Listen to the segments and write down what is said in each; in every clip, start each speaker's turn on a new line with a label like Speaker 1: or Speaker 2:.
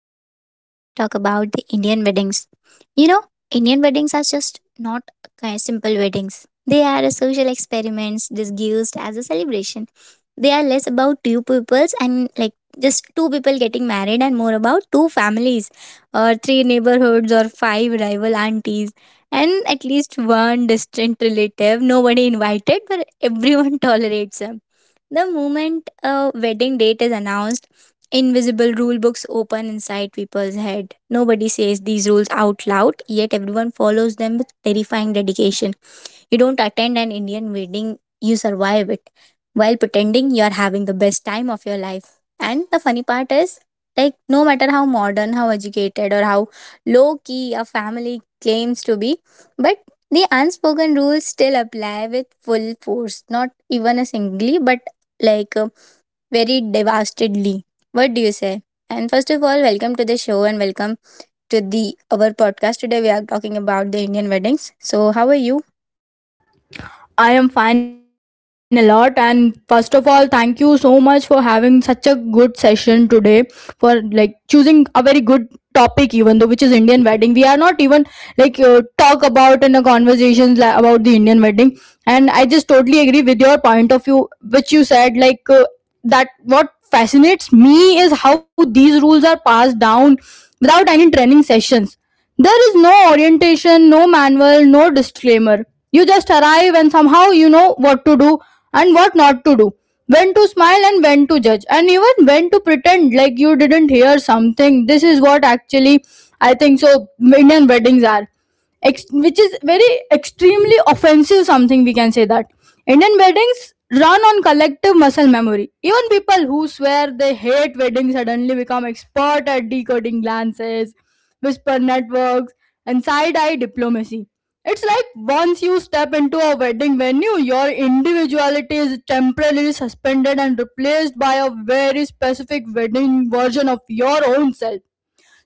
Speaker 1: today we are going to talk about the Indian weddings. You know, Indian weddings are just not simple weddings. They are a social experiments disguised as a celebration. They are less about two peoples and like just two people getting married and more about two families or three neighborhoods or five rival aunties and at least one distant relative nobody invited but everyone tolerates them. The moment a wedding date is announced, invisible rule books open inside people's head. Nobody says these rules out loud, yet everyone follows them with terrifying dedication. You don't attend an Indian wedding, you survive it while pretending you are having the best time of your life. And the funny part is, like, no matter how modern, how educated, or how low key a family claims to be, but the unspoken rules still apply with full force, not even a singly, but like uh, very devastedly. What do you say? And first of all, welcome to the show and welcome to the our podcast. Today we are talking about the Indian weddings. So, how are you?
Speaker 2: I am fine a lot. And first of all, thank you so much for having such a good session today for choosing a very good topic even though which is Indian wedding. We are not even talk about in a conversations like, about the Indian wedding, and I just totally agree with your point of view which you said that what fascinates me is how these rules are passed down without any training sessions. There is no orientation, no manual, no disclaimer. You just arrive and somehow you know what to do and what not to do, when to smile and when to judge, and even when to pretend like you didn't hear something. This is what actually I think. So Indian weddings are which is very extremely offensive, something we can say that Indian weddings run on collective muscle memory. Even people who swear they hate weddings suddenly become expert at decoding glances, whisper networks, and side-eye diplomacy. It's like once you step into a wedding venue, your individuality is temporarily suspended and replaced by a very specific wedding version of your own self.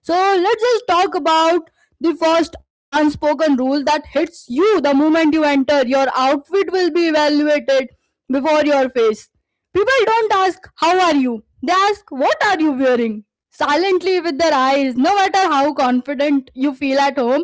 Speaker 2: So let's just talk about the first unspoken rule that hits you the moment you enter. Your outfit will be evaluated before your face. People don't ask, "How are you?" They ask, "What are you wearing?" Silently with their eyes, no matter how confident you feel at home.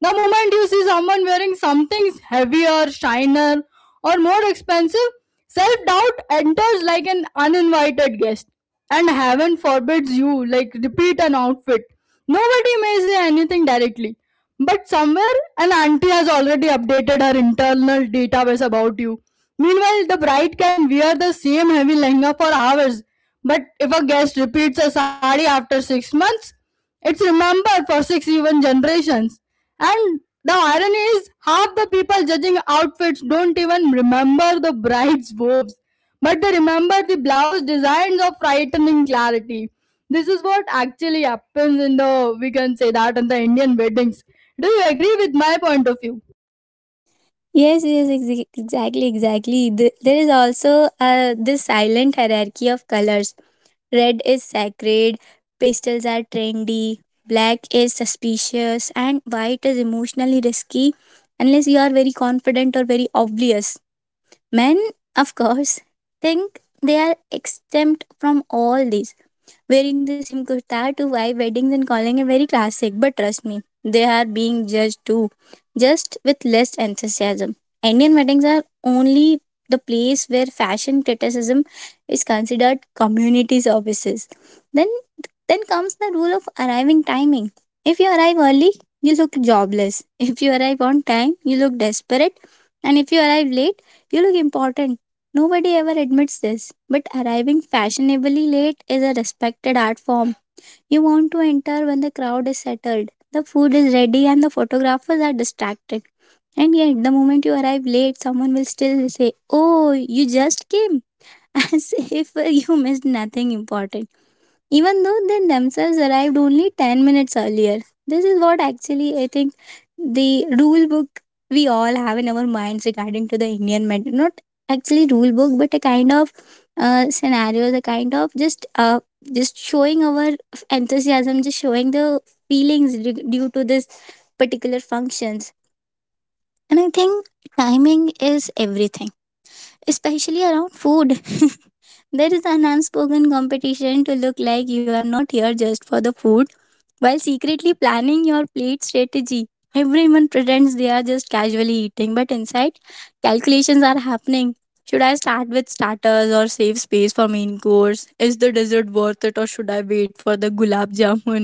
Speaker 2: The moment you see someone wearing something heavier, shiner, or more expensive, self doubt enters like an uninvited guest. And heaven forbids you like repeat an outfit. Nobody may say anything directly, but somewhere an auntie has already updated her internal database about you. Meanwhile, the bride can wear the same heavy lehenga for hours, but if a guest repeats a sari after 6 months, it's remembered for 6 even generations. And the irony is, half the people judging outfits don't even remember the bride's vows, but they remember the blouse designs of frightening clarity. This is what actually happens in the, we can say that, in the Indian weddings. Do you agree with my point of view?
Speaker 1: Yes, yes, exactly, exactly. There is also this silent hierarchy of colors. Red is sacred, pastels are trendy, black is suspicious, and white is emotionally risky unless you are very confident or very obvious. Men, of course, think they are exempt from all these, wearing the same kurta to five weddings and calling it very classic. But trust me, they are being judged too, just with less enthusiasm. Indian weddings are only the place where fashion criticism is considered community services. Then then comes the rule of arriving timing. If you arrive early, you look jobless. If you arrive on time, you look desperate. And if you arrive late, you look important. Nobody ever admits this, but arriving fashionably late is a respected art form. You want to enter when the crowd is settled, the food is ready, and the photographers are distracted. And yet, the moment you arrive late, someone will still say, "Oh, you just came," as if you missed nothing important, even though they themselves arrived only 10 minutes earlier. This is what actually I think the rule book we all have in our minds regarding to the Indian method. Not actually rule book, but a kind of scenarios, a kind of just showing our enthusiasm, just showing the feelings due to this particular functions. And I think timing is everything, especially around food. There is an unspoken competition to look like you are not here just for the food while secretly planning your plate strategy. Everyone pretends they are just casually eating, but inside, calculations are happening. Should I start with starters or save space for main course? Is the dessert worth it or should I wait for the gulab jamun?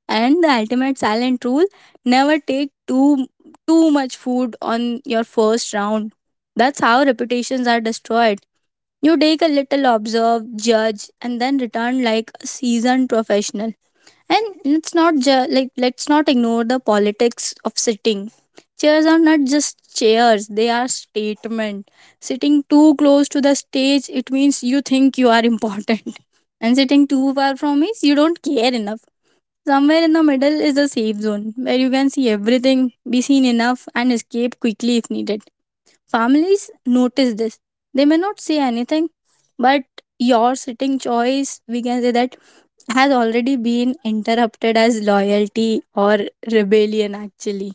Speaker 1: And the ultimate silent rule, never take too much food on your first round. That's how reputations are destroyed. You take a little, observe, judge, and then return like a seasoned professional. And it's not like, let's not ignore the politics of sitting. Chairs are not just chairs, they are statement. Sitting too close to the stage, it means you think you are important. And sitting too far from it, you don't care enough. Somewhere in the middle is the safe zone where you can see everything, be seen enough, and escape quickly if needed. Families notice this. They may not say anything, but your sitting choice, we can say that, has already been interrupted as loyalty or rebellion, actually.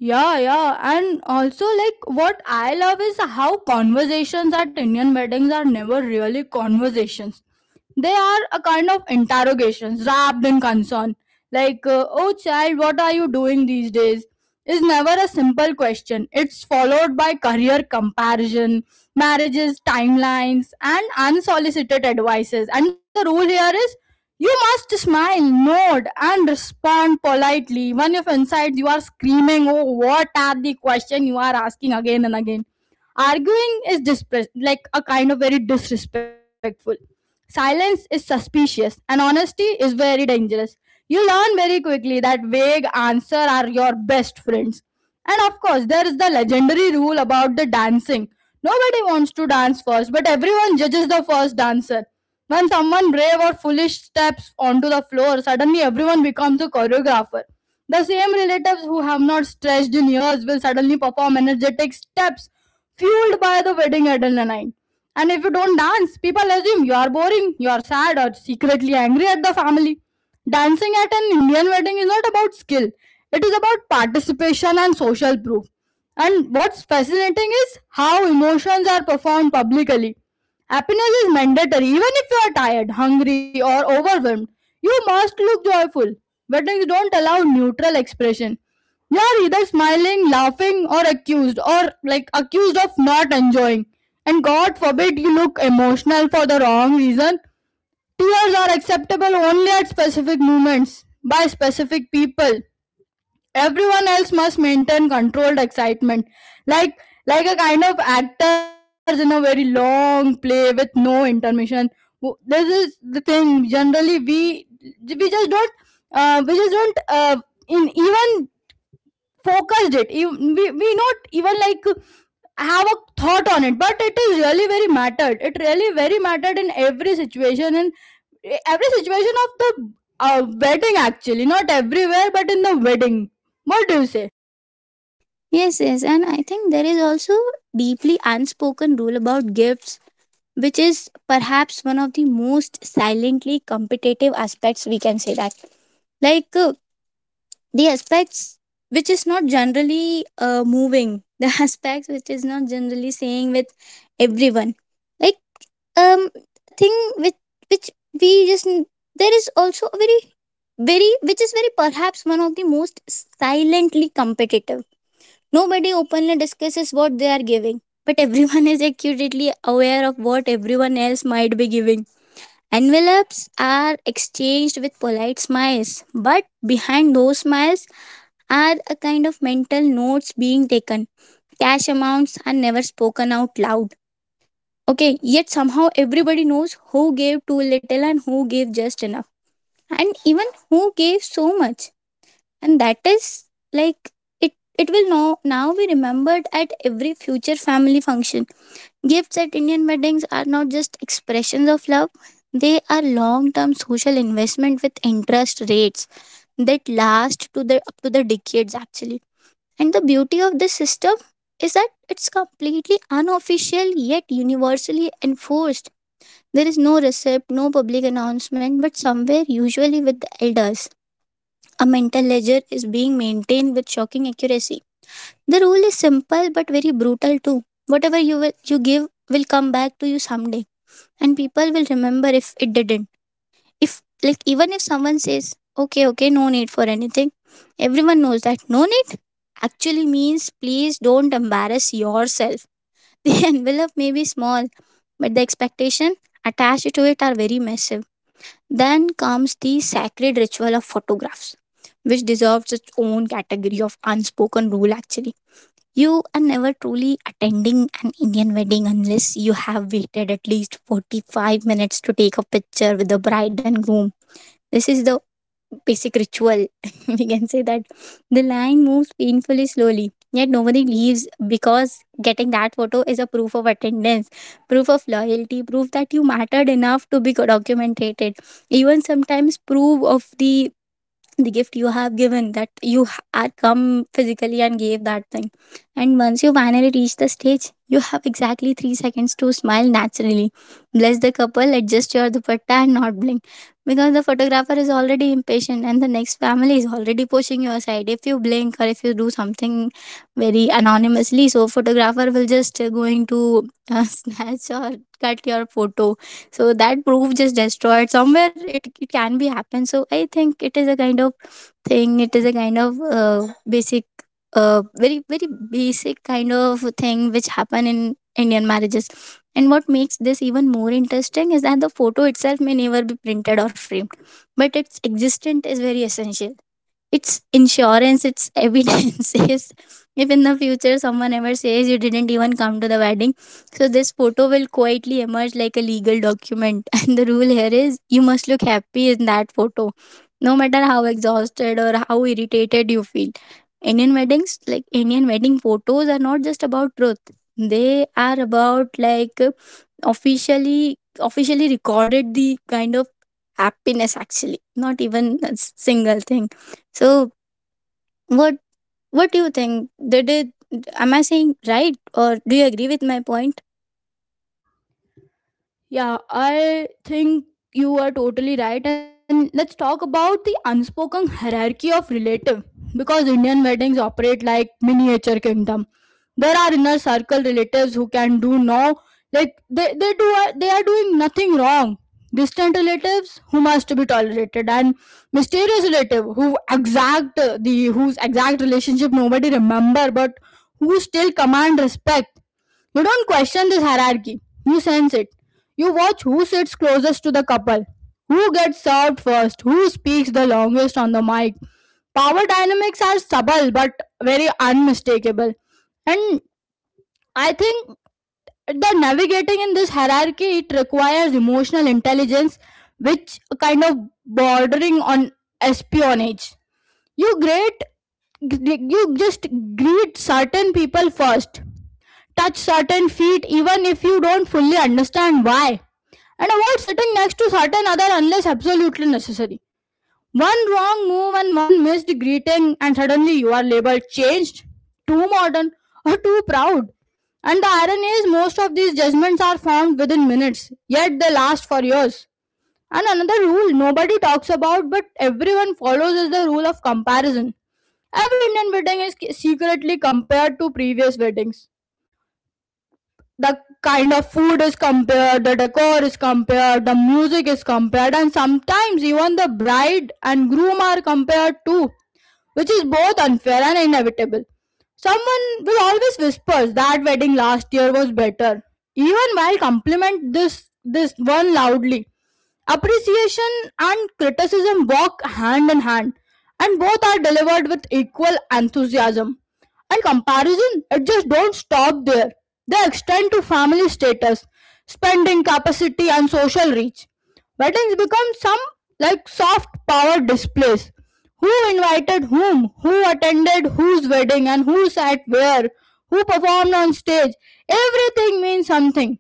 Speaker 2: Yeah, yeah. And also, like, what I love is how conversations at Indian weddings are never really conversations. They are a kind of interrogations wrapped in concern. Oh child, what are you doing these days, is never a simple question. It's followed by career comparison, marriages timelines, and unsolicited advices. And the rule here is you must smile, nod, and respond politely, when if inside you are screaming, oh, what are the question you are asking again and again. Arguing is like a kind of very disrespectful. Silence is suspicious and honesty is very dangerous. You learn very quickly that vague answer are your best friends. And of course, there is the legendary rule about the dancing. Nobody wants to dance first, but everyone judges the first dancer. When someone brave or foolish steps onto the floor, suddenly everyone becomes a choreographer. The same relatives who have not stretched in years will suddenly perform energetic steps fueled by the wedding adrenaline. And if you don't dance, people assume you are boring, you are sad, or secretly angry at the family. Dancing at an Indian wedding is not about skill, it is about participation and social proof. And what's fascinating is how emotions are performed publicly. Happiness is mandatory, even if you are tired, hungry, or overwhelmed. You must look joyful. Weddings don't allow neutral expression. You are either smiling, laughing, or accused, or like accused of not enjoying. And God forbid you look emotional for the wrong reason. Tears are acceptable only at specific moments by specific people. Everyone else must maintain controlled excitement, like like a kind of actors in a very long play with no intermission. This is the thing. Generally, we just don't we just don't in even focused it you, we not even like have a thought on it, but it is really very mattered. It really very mattered in every situation of the wedding, actually. Not everywhere, but in the wedding. What do you say?
Speaker 1: Yes, yes, and I think there is also deeply unspoken rule about gifts, which is perhaps one of the most silently competitive aspects we can say that. Like uh, the aspects which is not generally moving, the aspects which is not generally saying with everyone, like um thing which which we just, there is also a very which is very perhaps one of the most silently competitive. Nobody openly discusses what they are giving, but everyone is acutely aware of what everyone else might be giving. Envelopes are exchanged with polite smiles, but behind those smiles are a kind of mental notes being taken. Cash amounts are never spoken out loud. Okay, yet somehow everybody knows who gave too little and who gave just enough, and even who gave so much. And that is, like, it. It will now be remembered at every future family function. Gifts at Indian weddings are not just expressions of love; they are long-term social investment with interest rates that last to the up to the decades, actually. And the beauty of this system is that it's completely unofficial yet universally enforced. There is no receipt, no public announcement, but somewhere, usually with the elders, a mental ledger is being maintained with shocking accuracy. The rule is simple but very brutal too. Whatever you will, you give will come back to you someday, and people will remember if it didn't. If, like, even if someone says, "okay okay, no need for anything," everyone knows that no need actually means please don't embarrass yourself. The envelope may be small, but the expectation attached to it are very massive. Then comes the sacred ritual of photographs, which deserves its own category of unspoken rule, actually. You are never truly attending an Indian wedding unless you have waited at least 45 minutes to take a picture with the bride and groom. This is the basic ritual. We can say that the line moves painfully slowly, yet nobody leaves because getting that photo is a proof of attendance, proof of loyalty, proof that you mattered enough to be documented, even sometimes proof of the gift you have given, that you had come physically and gave that thing. And once you finally reach the stage, you have exactly 3 seconds to smile naturally, bless the couple, adjust your dupatta, and not blink, because the photographer is already impatient and the next family is already pushing you aside if you blink or if you do something very anonymously, so photographer will just going to snatch or cut your photo, so that proof just destroyed somewhere, it can be happen. So I think it is a kind of thing, it is a kind of basic very very basic kind of thing which happen in Indian marriages. And what makes this even more interesting is that the photo itself may never be printed or framed, but its existence is very essential. It's insurance, it's evidence. Yes. If in the future someone ever says you didn't even come to the wedding, so this photo will quietly emerge like a legal document. And the rule here is you must look happy in that photo, no matter how exhausted or how irritated you feel. Indian weddings, like Indian wedding photos, are not just about truth. They are about, like, officially recorded the kind of happiness, actually, not even a single thing. So what what do you think? Did it, am I saying right or do you agree with my point?
Speaker 2: Yeah, I think you are totally right. And let's talk about the unspoken hierarchy of relative, because Indian weddings operate like miniature kingdom. There are inner circle relatives who can do no, like they do they are doing nothing wrong. Distant relatives who must be tolerated, and mysterious relative who exact the whose exact relationship nobody remember, but who still command respect. You don't question this hierarchy. You sense it. You watch who sits closest to the couple, who gets served first, who speaks the longest on the mic. Power dynamics are subtle but very unmistakable. And I think the navigating in this hierarchy, it requires emotional intelligence, which kind of bordering on espionage. You great, you just greet certain people first, touch certain feet even if you don't fully understand why. And avoid sitting next to certain other unless absolutely necessary. One wrong move and one missed greeting, and suddenly you are labeled changed, too modern, or too proud. And the irony is, most of these judgments are formed within minutes, yet they last for years. And another rule nobody talks about but everyone follows is the rule of comparison. Every Indian wedding is secretly compared to previous weddings. The kind of food is compared, the decor is compared, the music is compared, and sometimes even the bride and groom are compared too, which is both unfair and inevitable. Someone will always whisper that wedding last year was better, even while compliment this one loudly. Appreciation and criticism walk hand in hand, and both are delivered with equal enthusiasm. And comparison, it just don't stop there. They extend to family status, spending capacity, and social reach. Weddings become some like soft power displays. Who invited whom? Who attended whose wedding and who sat where? Who performed on stage? Everything means something.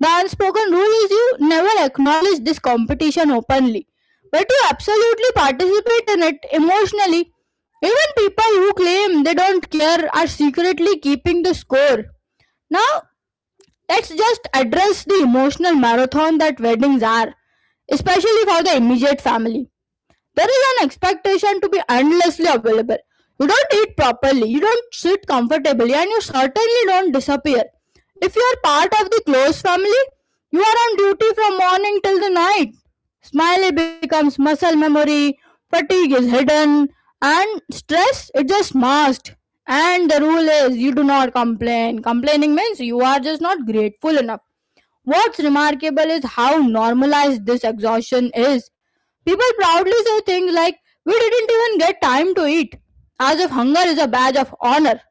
Speaker 2: The unspoken rule is you never acknowledge this competition openly, but you absolutely participate in it emotionally. Even people who claim they don't care are secretly keeping the score. Now, let's just address the emotional marathon that weddings are, especially for the immediate family. There is an expectation to be endlessly available. You don't eat properly, you don't sit comfortably, and you certainly don't disappear. If you are part of the close family, you are on duty from morning till the night. Smiley becomes muscle memory, fatigue is hidden, and stress is just masked. And the rule is you do not complain. Complaining means you are just not grateful enough. What's remarkable is how normalized this exhaustion is. People proudly say things like, "We didn't even get time to eat," as if hunger is a badge of honor.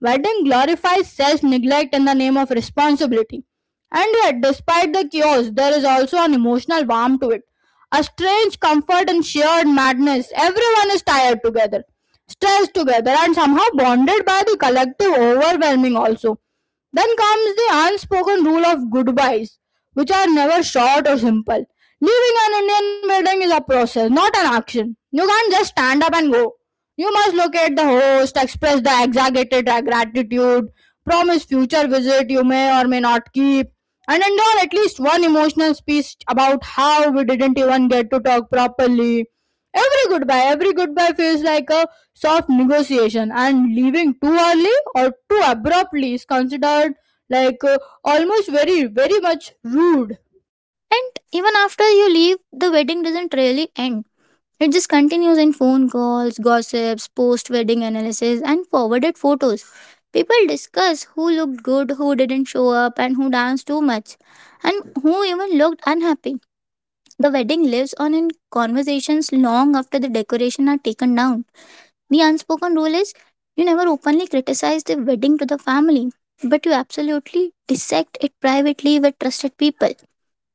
Speaker 2: Wedding glorifies self neglect in the name of responsibility. And yet, despite the chaos, there is also an emotional warmth to it. A strange comfort and shared madness. Everyone is tired together, stressed together, and somehow bonded by the collective overwhelming also. Then comes the unspoken rule of goodbyes, which are never short or simple. Leaving an Indian wedding is a process, not an action. You can't just stand up and go. You must locate the host, express the exaggerated gratitude, promise future visit you may or may not keep, and endure at least one emotional speech about how we didn't even get to talk properly. Every goodbye feels like a soft negotiation, and leaving too early or too abruptly is considered like uh, almost very, very much rude.
Speaker 1: And even after you leave, the wedding doesn't really end. It just continues in phone calls, gossips, post wedding analysis, and forwarded photos. People discuss who looked good, who didn't show up, and who danced too much, and who even looked unhappy. The wedding lives on in conversations long after the decoration are taken down. The unspoken rule is, you never openly criticize the wedding to the family, but you absolutely dissect it privately with trusted people.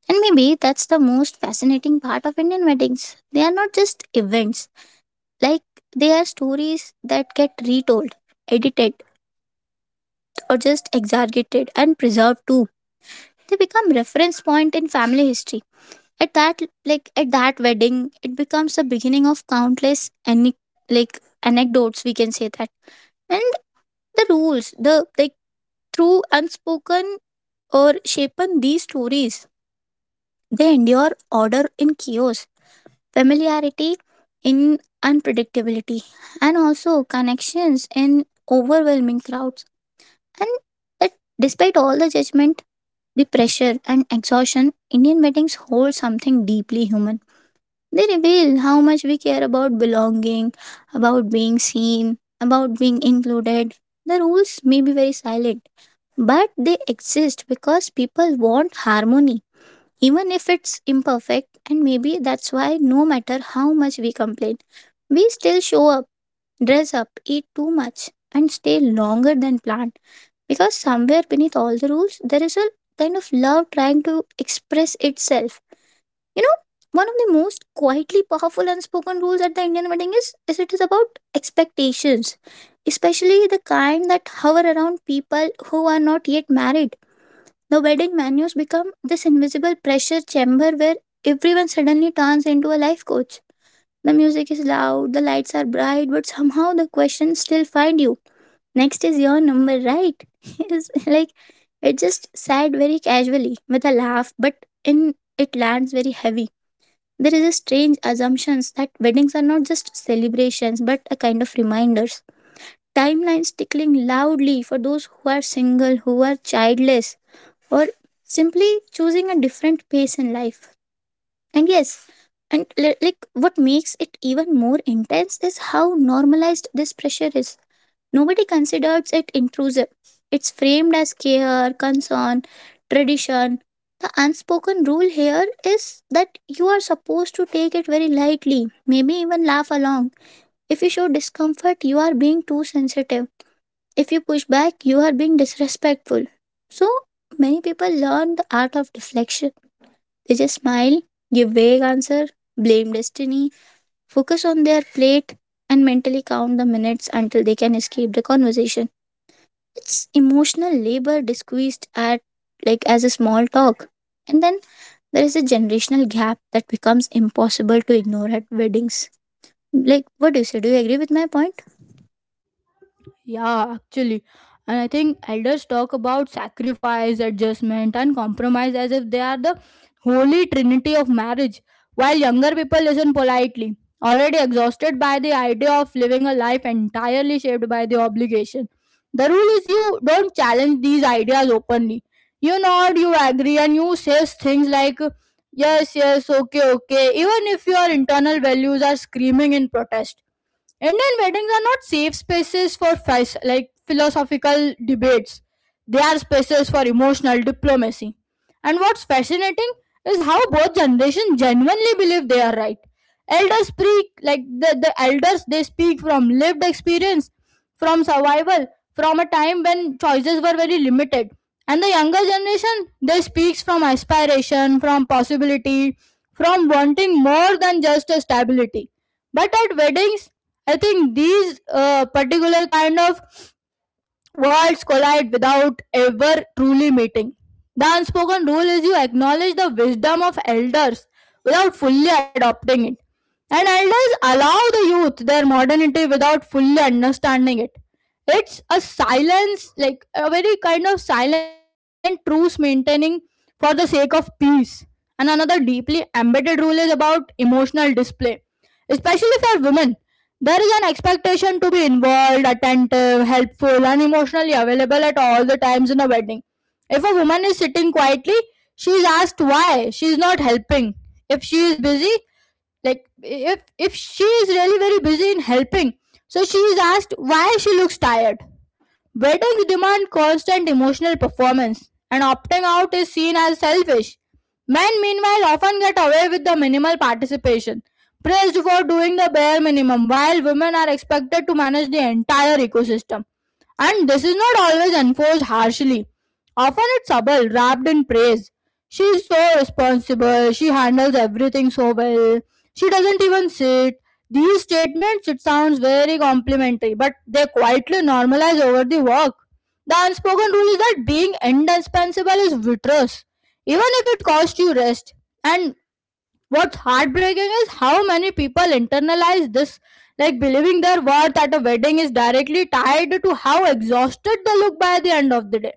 Speaker 1: And maybe that's the most fascinating part of Indian weddings. They are not just events, like, they are stories that get retold, edited, or just exaggerated and preserved too. They become reference point in family history. At that, like, at that wedding, it becomes the beginning of countless any, like, anecdotes we can say that. And the rules, the, like, through unspoken or shapen these stories, they endure order in chaos, familiarity in unpredictability, and also connections in overwhelming crowds. And that, despite all the judgment, the pressure and exhaustion, Indian weddings hold something deeply human. They reveal how much we care about belonging, about being seen, about being included. The rules may be very silent, but they exist because people want harmony, even if it's imperfect, and maybe that's why no matter how much we complain, we still show up, dress up, eat too much, and stay longer than planned. Because somewhere beneath all the rules, there is a kind of love trying to express itself. You know, one of the most quietly powerful unspoken rules at the Indian wedding is it is about expectations, especially the kind that hover around people who are not yet married. The wedding menus become this invisible pressure chamber where everyone suddenly turns into a life coach. The music is loud, the lights are bright, but somehow the questions still find you. Next is your number, right? It's like, it just said very casually with a laugh, but in it lands very heavy. There is a strange assumption that weddings are not just celebrations but a kind of reminders, timelines tickling loudly for those who are single, who are childless, or simply choosing a different pace in life. And yes, like what makes it even more intense is how normalized this pressure is. Nobody considers it intrusive. It's framed as care, concern, tradition. The unspoken rule here is that you are supposed to take it very lightly, maybe even laugh along. If you show discomfort, you are being too sensitive. If you push back, you are being disrespectful. So many people learn the art of deflection. They just smile, give vague answer, blame destiny, focus on their plate, and mentally count the minutes until they can escape the conversation. It's emotional labor disguised at like as a small talk. And then there is a generational gap that becomes impossible to ignore at weddings. Like, what do you say? Do you agree with my point?
Speaker 2: Yeah, actually. And I think elders talk about sacrifice, adjustment, and compromise as if they are the holy trinity of marriage, while younger people listen politely, already exhausted by the idea of living a life entirely shaped by the obligation. The rule is you don't challenge these ideas openly. You nod, you agree, and you say things like, "Yes, yes, okay, okay," even if your internal values are screaming in protest. Indian weddings are not safe spaces for like philosophical debates. They are spaces for emotional diplomacy. And what's fascinating is how both generations genuinely believe they are right. Elders speak like the elders they speak from lived experience, from survival, from a time when choices were very limited. And the younger generation, they speaks from aspiration, from possibility, from wanting more than just a stability. But at weddings, I think these particular kind of worlds collide without ever truly meeting. The unspoken rule is you acknowledge the wisdom of elders without fully adopting it. And elders allow the youth their modernity without fully understanding it. It's a silence, like a very kind of silent truce maintaining for the sake of peace. And another deeply embedded rule is about emotional display, especially for women. There is an expectation to be involved, attentive, helpful, and emotionally available at all the times in a wedding. If a woman is sitting quietly, she is asked why she is not helping. If she is busy, like if she is really very busy in helping, so she is asked why she looks tired. Whether you demand constant emotional performance and opting out is seen as selfish. Men, meanwhile, often get away with the minimal participation, praised for doing the bare minimum, while women are expected to manage the entire ecosystem. And this is not always enforced harshly. Often it's subtle, wrapped in praise. She's so responsible. She handles everything so well. She doesn't even sit. These statements, it sounds very complimentary, but they quietly normalize over the work. The unspoken rule is that being indispensable is vitreous, even if it costs you rest. And what's heartbreaking is how many people internalize this, like believing their worth at a wedding is directly tied to how exhausted they look by the end of the day,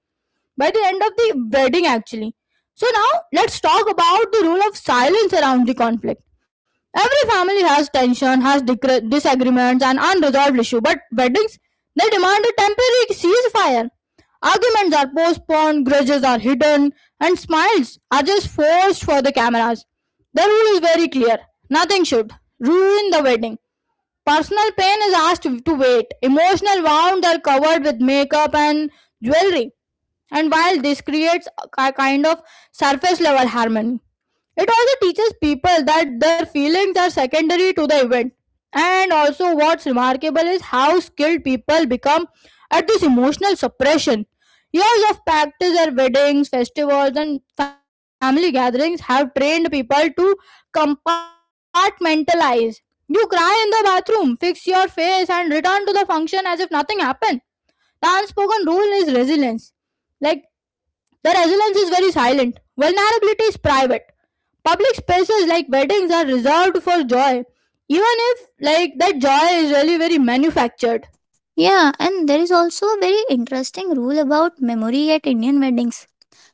Speaker 2: by the end of the wedding actually. So now let's talk about the role of silence around the conflict. Every family has tension, has disagreements and unresolved issue, but weddings they demand a temporary ceasefire. Arguments are postponed, grudges are hidden, and smiles are just forced for the cameras. The rule is very clear. Nothing should ruin the wedding. Personal pain is asked to wait. Emotional wounds are covered with makeup and jewelry. And while this creates a kind of surface level harmony, it also teaches people that their feelings are secondary to the event. And also, what's remarkable is how skilled people become at this emotional suppression. Years of practice at weddings, festivals, and family gatherings have trained people to compartmentalize. You cry in the bathroom, fix your face, and return to the function as if nothing happened. The unspoken rule is resilience. Like, the resilience is very silent, vulnerability is private. Public spaces like weddings are reserved for joy, even if like that joy is really very manufactured.
Speaker 1: Yeah, and there is also a very interesting rule about memory at Indian weddings.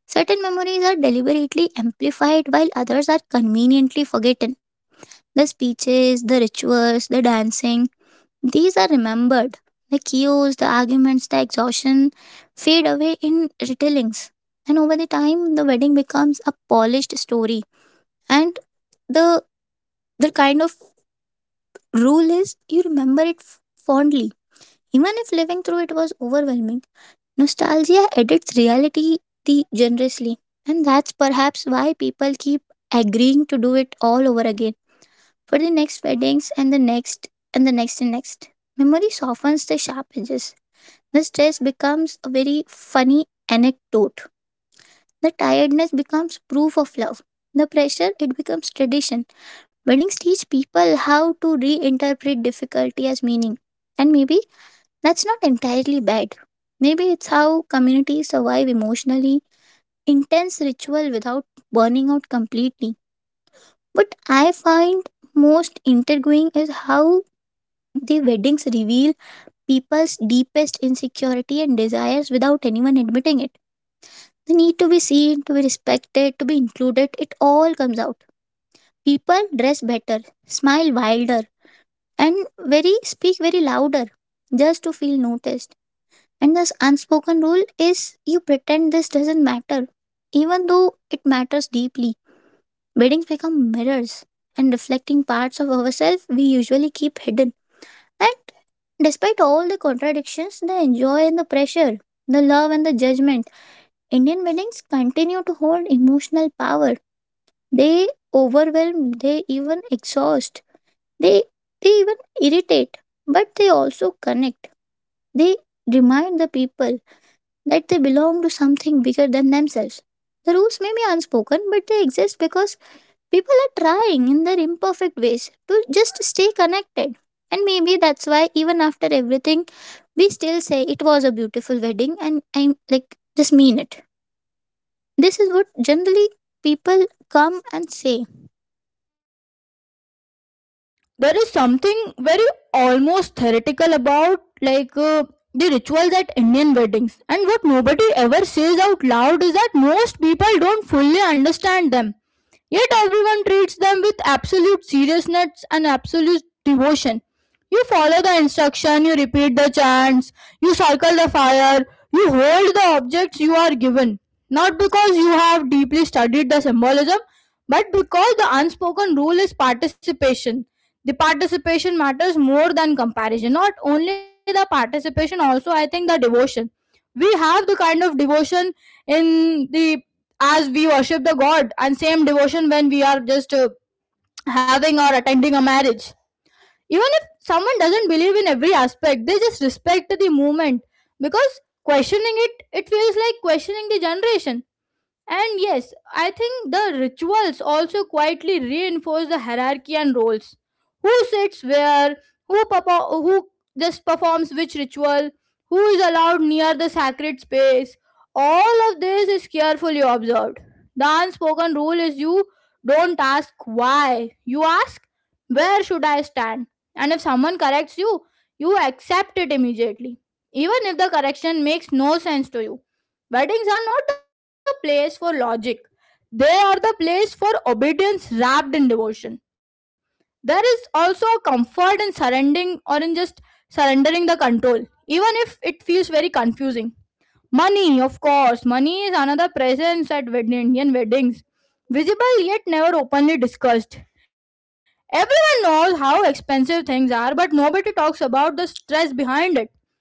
Speaker 1: Certain memories are deliberately amplified while others are conveniently forgotten. The speeches, the rituals, the dancing, these are remembered. The chaos, the arguments, the exhaustion fade away in retellings. And over the time, the wedding becomes a polished story. And the, the rule is you remember it fondly, even if living through it was overwhelming. Nostalgia edits reality the generously, and that's perhaps why people keep agreeing to do it all over again for the next weddings and the next and the next and next. Memory softens the sharp edges. The stress becomes a very funny anecdote. The tiredness becomes proof of love. The pressure it becomes tradition. Weddings teach people how to reinterpret difficulty as meaning, and maybe that's not entirely bad. Maybe it's how communities survive emotionally intense ritual without burning out completely. What I find most intriguing is how the weddings reveal people's deepest insecurity and desires without anyone admitting it. The need to be seen, to be respected, to be included, it all comes out. People dress better, smile wilder, and very speak very louder just to feel noticed. And this unspoken rule is you pretend this doesn't matter, even though it matters deeply. Weddings become mirrors and reflecting parts of ourselves we usually keep hidden. And despite all the contradictions, the joy and the pressure, the love and the judgment, Indian weddings continue to hold emotional power. They overwhelm, they even exhaust, they, they even irritate, but they also connect. They remind the people that they belong to something bigger than themselves. The rules may be unspoken, but they exist because people are trying in their imperfect ways to just stay connected. And maybe that's why, even after everything, we still say it was a beautiful wedding and I'm like, just mean it. This is what generally people come and say.
Speaker 2: There is something very almost theoretical about like the rituals at Indian weddings, and what nobody ever says out loud is that most people don't fully understand them, yet everyone treats them with absolute seriousness and absolute devotion. You follow the instruction, you repeat the chants, you circle the fire, you hold the objects you are given, not because you have deeply studied the symbolism, but because the unspoken rule is participation. The participation matters more than comparison. Not only the participation, also I think the devotion. We have the kind of devotion in the, as we worship the God, and same devotion when we are just having or attending a marriage. Even if someone doesn't believe in every aspect, they just respect the movement, because questioning it, it feels like questioning the generation. And yes, I think the rituals also quietly reinforce the hierarchy and roles. Who sits where, who, who just performs which ritual, who is allowed near the sacred space. All of this is carefully observed. The unspoken rule is you don't ask why, you ask where should I stand. And if someone corrects you, you accept it immediately, even if the correction makes no sense to you. Weddings are not the place for logic. They are the place for obedience wrapped in devotion. There is also a comfort in surrendering, or in just surrendering the control, even if it feels very confusing. Money, of course, money is another presence at Indian weddings, visible yet never openly discussed. Everyone knows how expensive things are, but nobody talks about the stress behind it.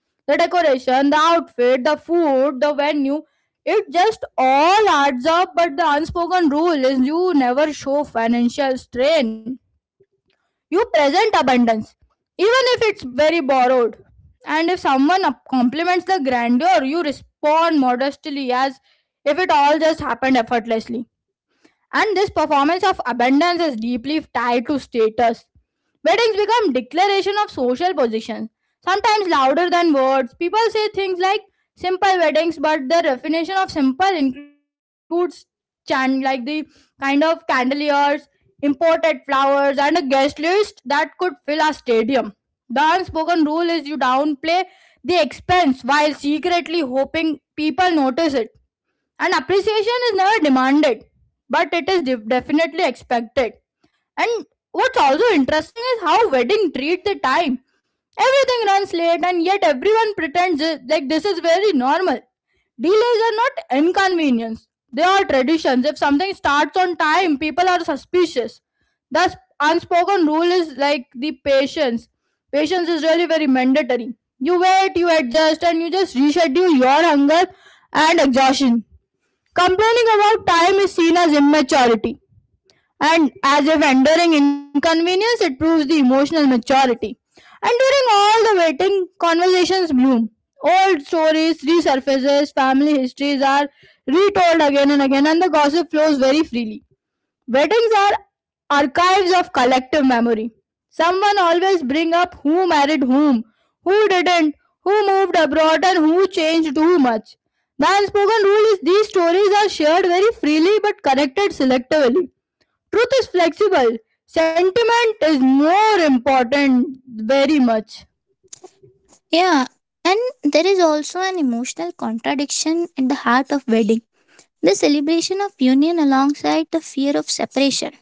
Speaker 2: The decoration, the outfit, the food, the venue, it just all adds up, but the unspoken rule is you never show financial strain. You present abundance, even if it's very borrowed. And if someone compliments the grandeur, you respond modestly as if it all just happened effortlessly. And this performance of abundance is deeply tied to status. Weddings become declaration of social position, sometimes louder than words. People say things like simple weddings, but the definition of simple includes like the kind of candeliers, imported flowers, and a guest list that could fill a stadium. The unspoken rule is you downplay the expense while secretly hoping people notice it. And appreciation is never demanded, but it is definitely expected. And what's also interesting is how wedding treat the time. Everything runs late, and yet everyone pretends like this is very normal. Delays are not inconvenience; they are traditions. If something starts on time, people are suspicious. Thus, unspoken rule is like the patience. Patience is really very mandatory. You wait, you adjust, and you just reschedule your hunger and exhaustion. Complaining about time is seen as immaturity, and as if enduring inconvenience, it proves the emotional maturity. And during all the waiting, conversations bloom. Old stories resurfaces, family histories are retold again and again, and the gossip flows very freely. Weddings are archives of collective memory. Someone always bring up who married whom, who didn't, who moved abroad and who changed too much. The unspoken rule is these stories are shared very freely but connected selectively. Truth is flexible. Sentiment is more important very much.
Speaker 1: Yeah, and there is also an emotional contradiction at the heart of wedding, the celebration of union alongside the fear of separation.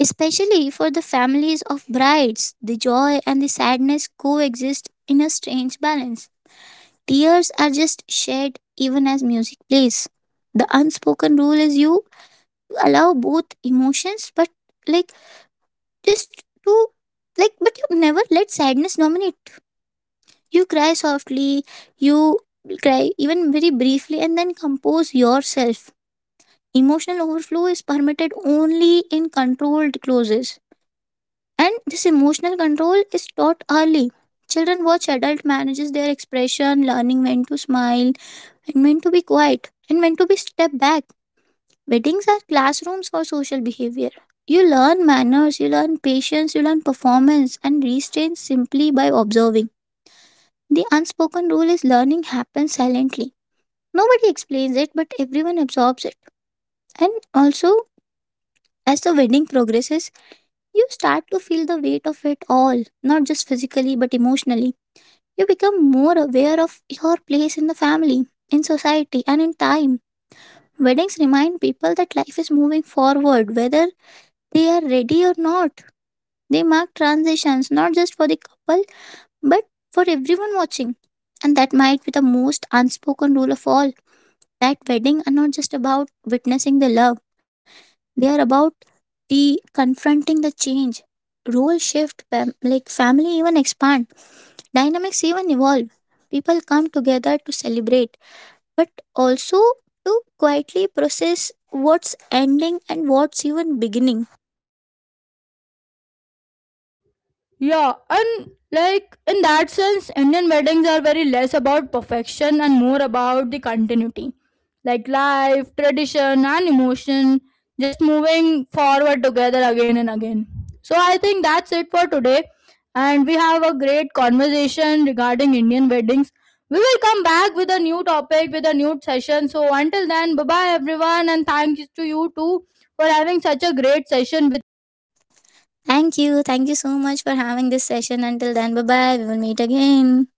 Speaker 1: Especially for the families of brides, the joy and the sadness coexist in a strange balance. Tears are just shed even as music plays. The unspoken rule is you allow both emotions, but like just to but you never let sadness dominate. You cry softly, you cry even very briefly, and then compose yourself. Emotional overflow is permitted only in controlled closes. And this emotional control is taught early. Children watch adult manages their expression, learning when to smile and when to be quiet and when to be step back. Weddings are classrooms for social behavior. You learn manners, you learn patience, you learn performance and restraint simply by observing. The unspoken rule is learning happens silently. Nobody explains it, but everyone absorbs it. And also, as the wedding progresses, you start to feel the weight of it all, not just physically but emotionally. You become more aware of your place in the family, in society, and in time. Weddings remind people that life is moving forward, whether they are ready or not. They mark transitions not just for the couple, but for everyone watching. And that might be the most unspoken rule of all, that weddings are not just about witnessing the love, they are about the confronting the change, role shift, family even expand, dynamics even evolve, people come together to celebrate but also to quietly process what's ending and what's even beginning.
Speaker 2: Yeah, and like in that sense, Indian weddings are very less about perfection and more about the continuity. Like life, tradition, and emotion just moving forward together again and again. So, I think that's it for today. And we have a great conversation regarding Indian weddings. We will come back with a new topic, with a new session. So, until then, bye bye everyone, and thanks to you too for having such a great session with.
Speaker 1: Thank you. Thank you so much for having this session. Until then, bye bye. We will meet again.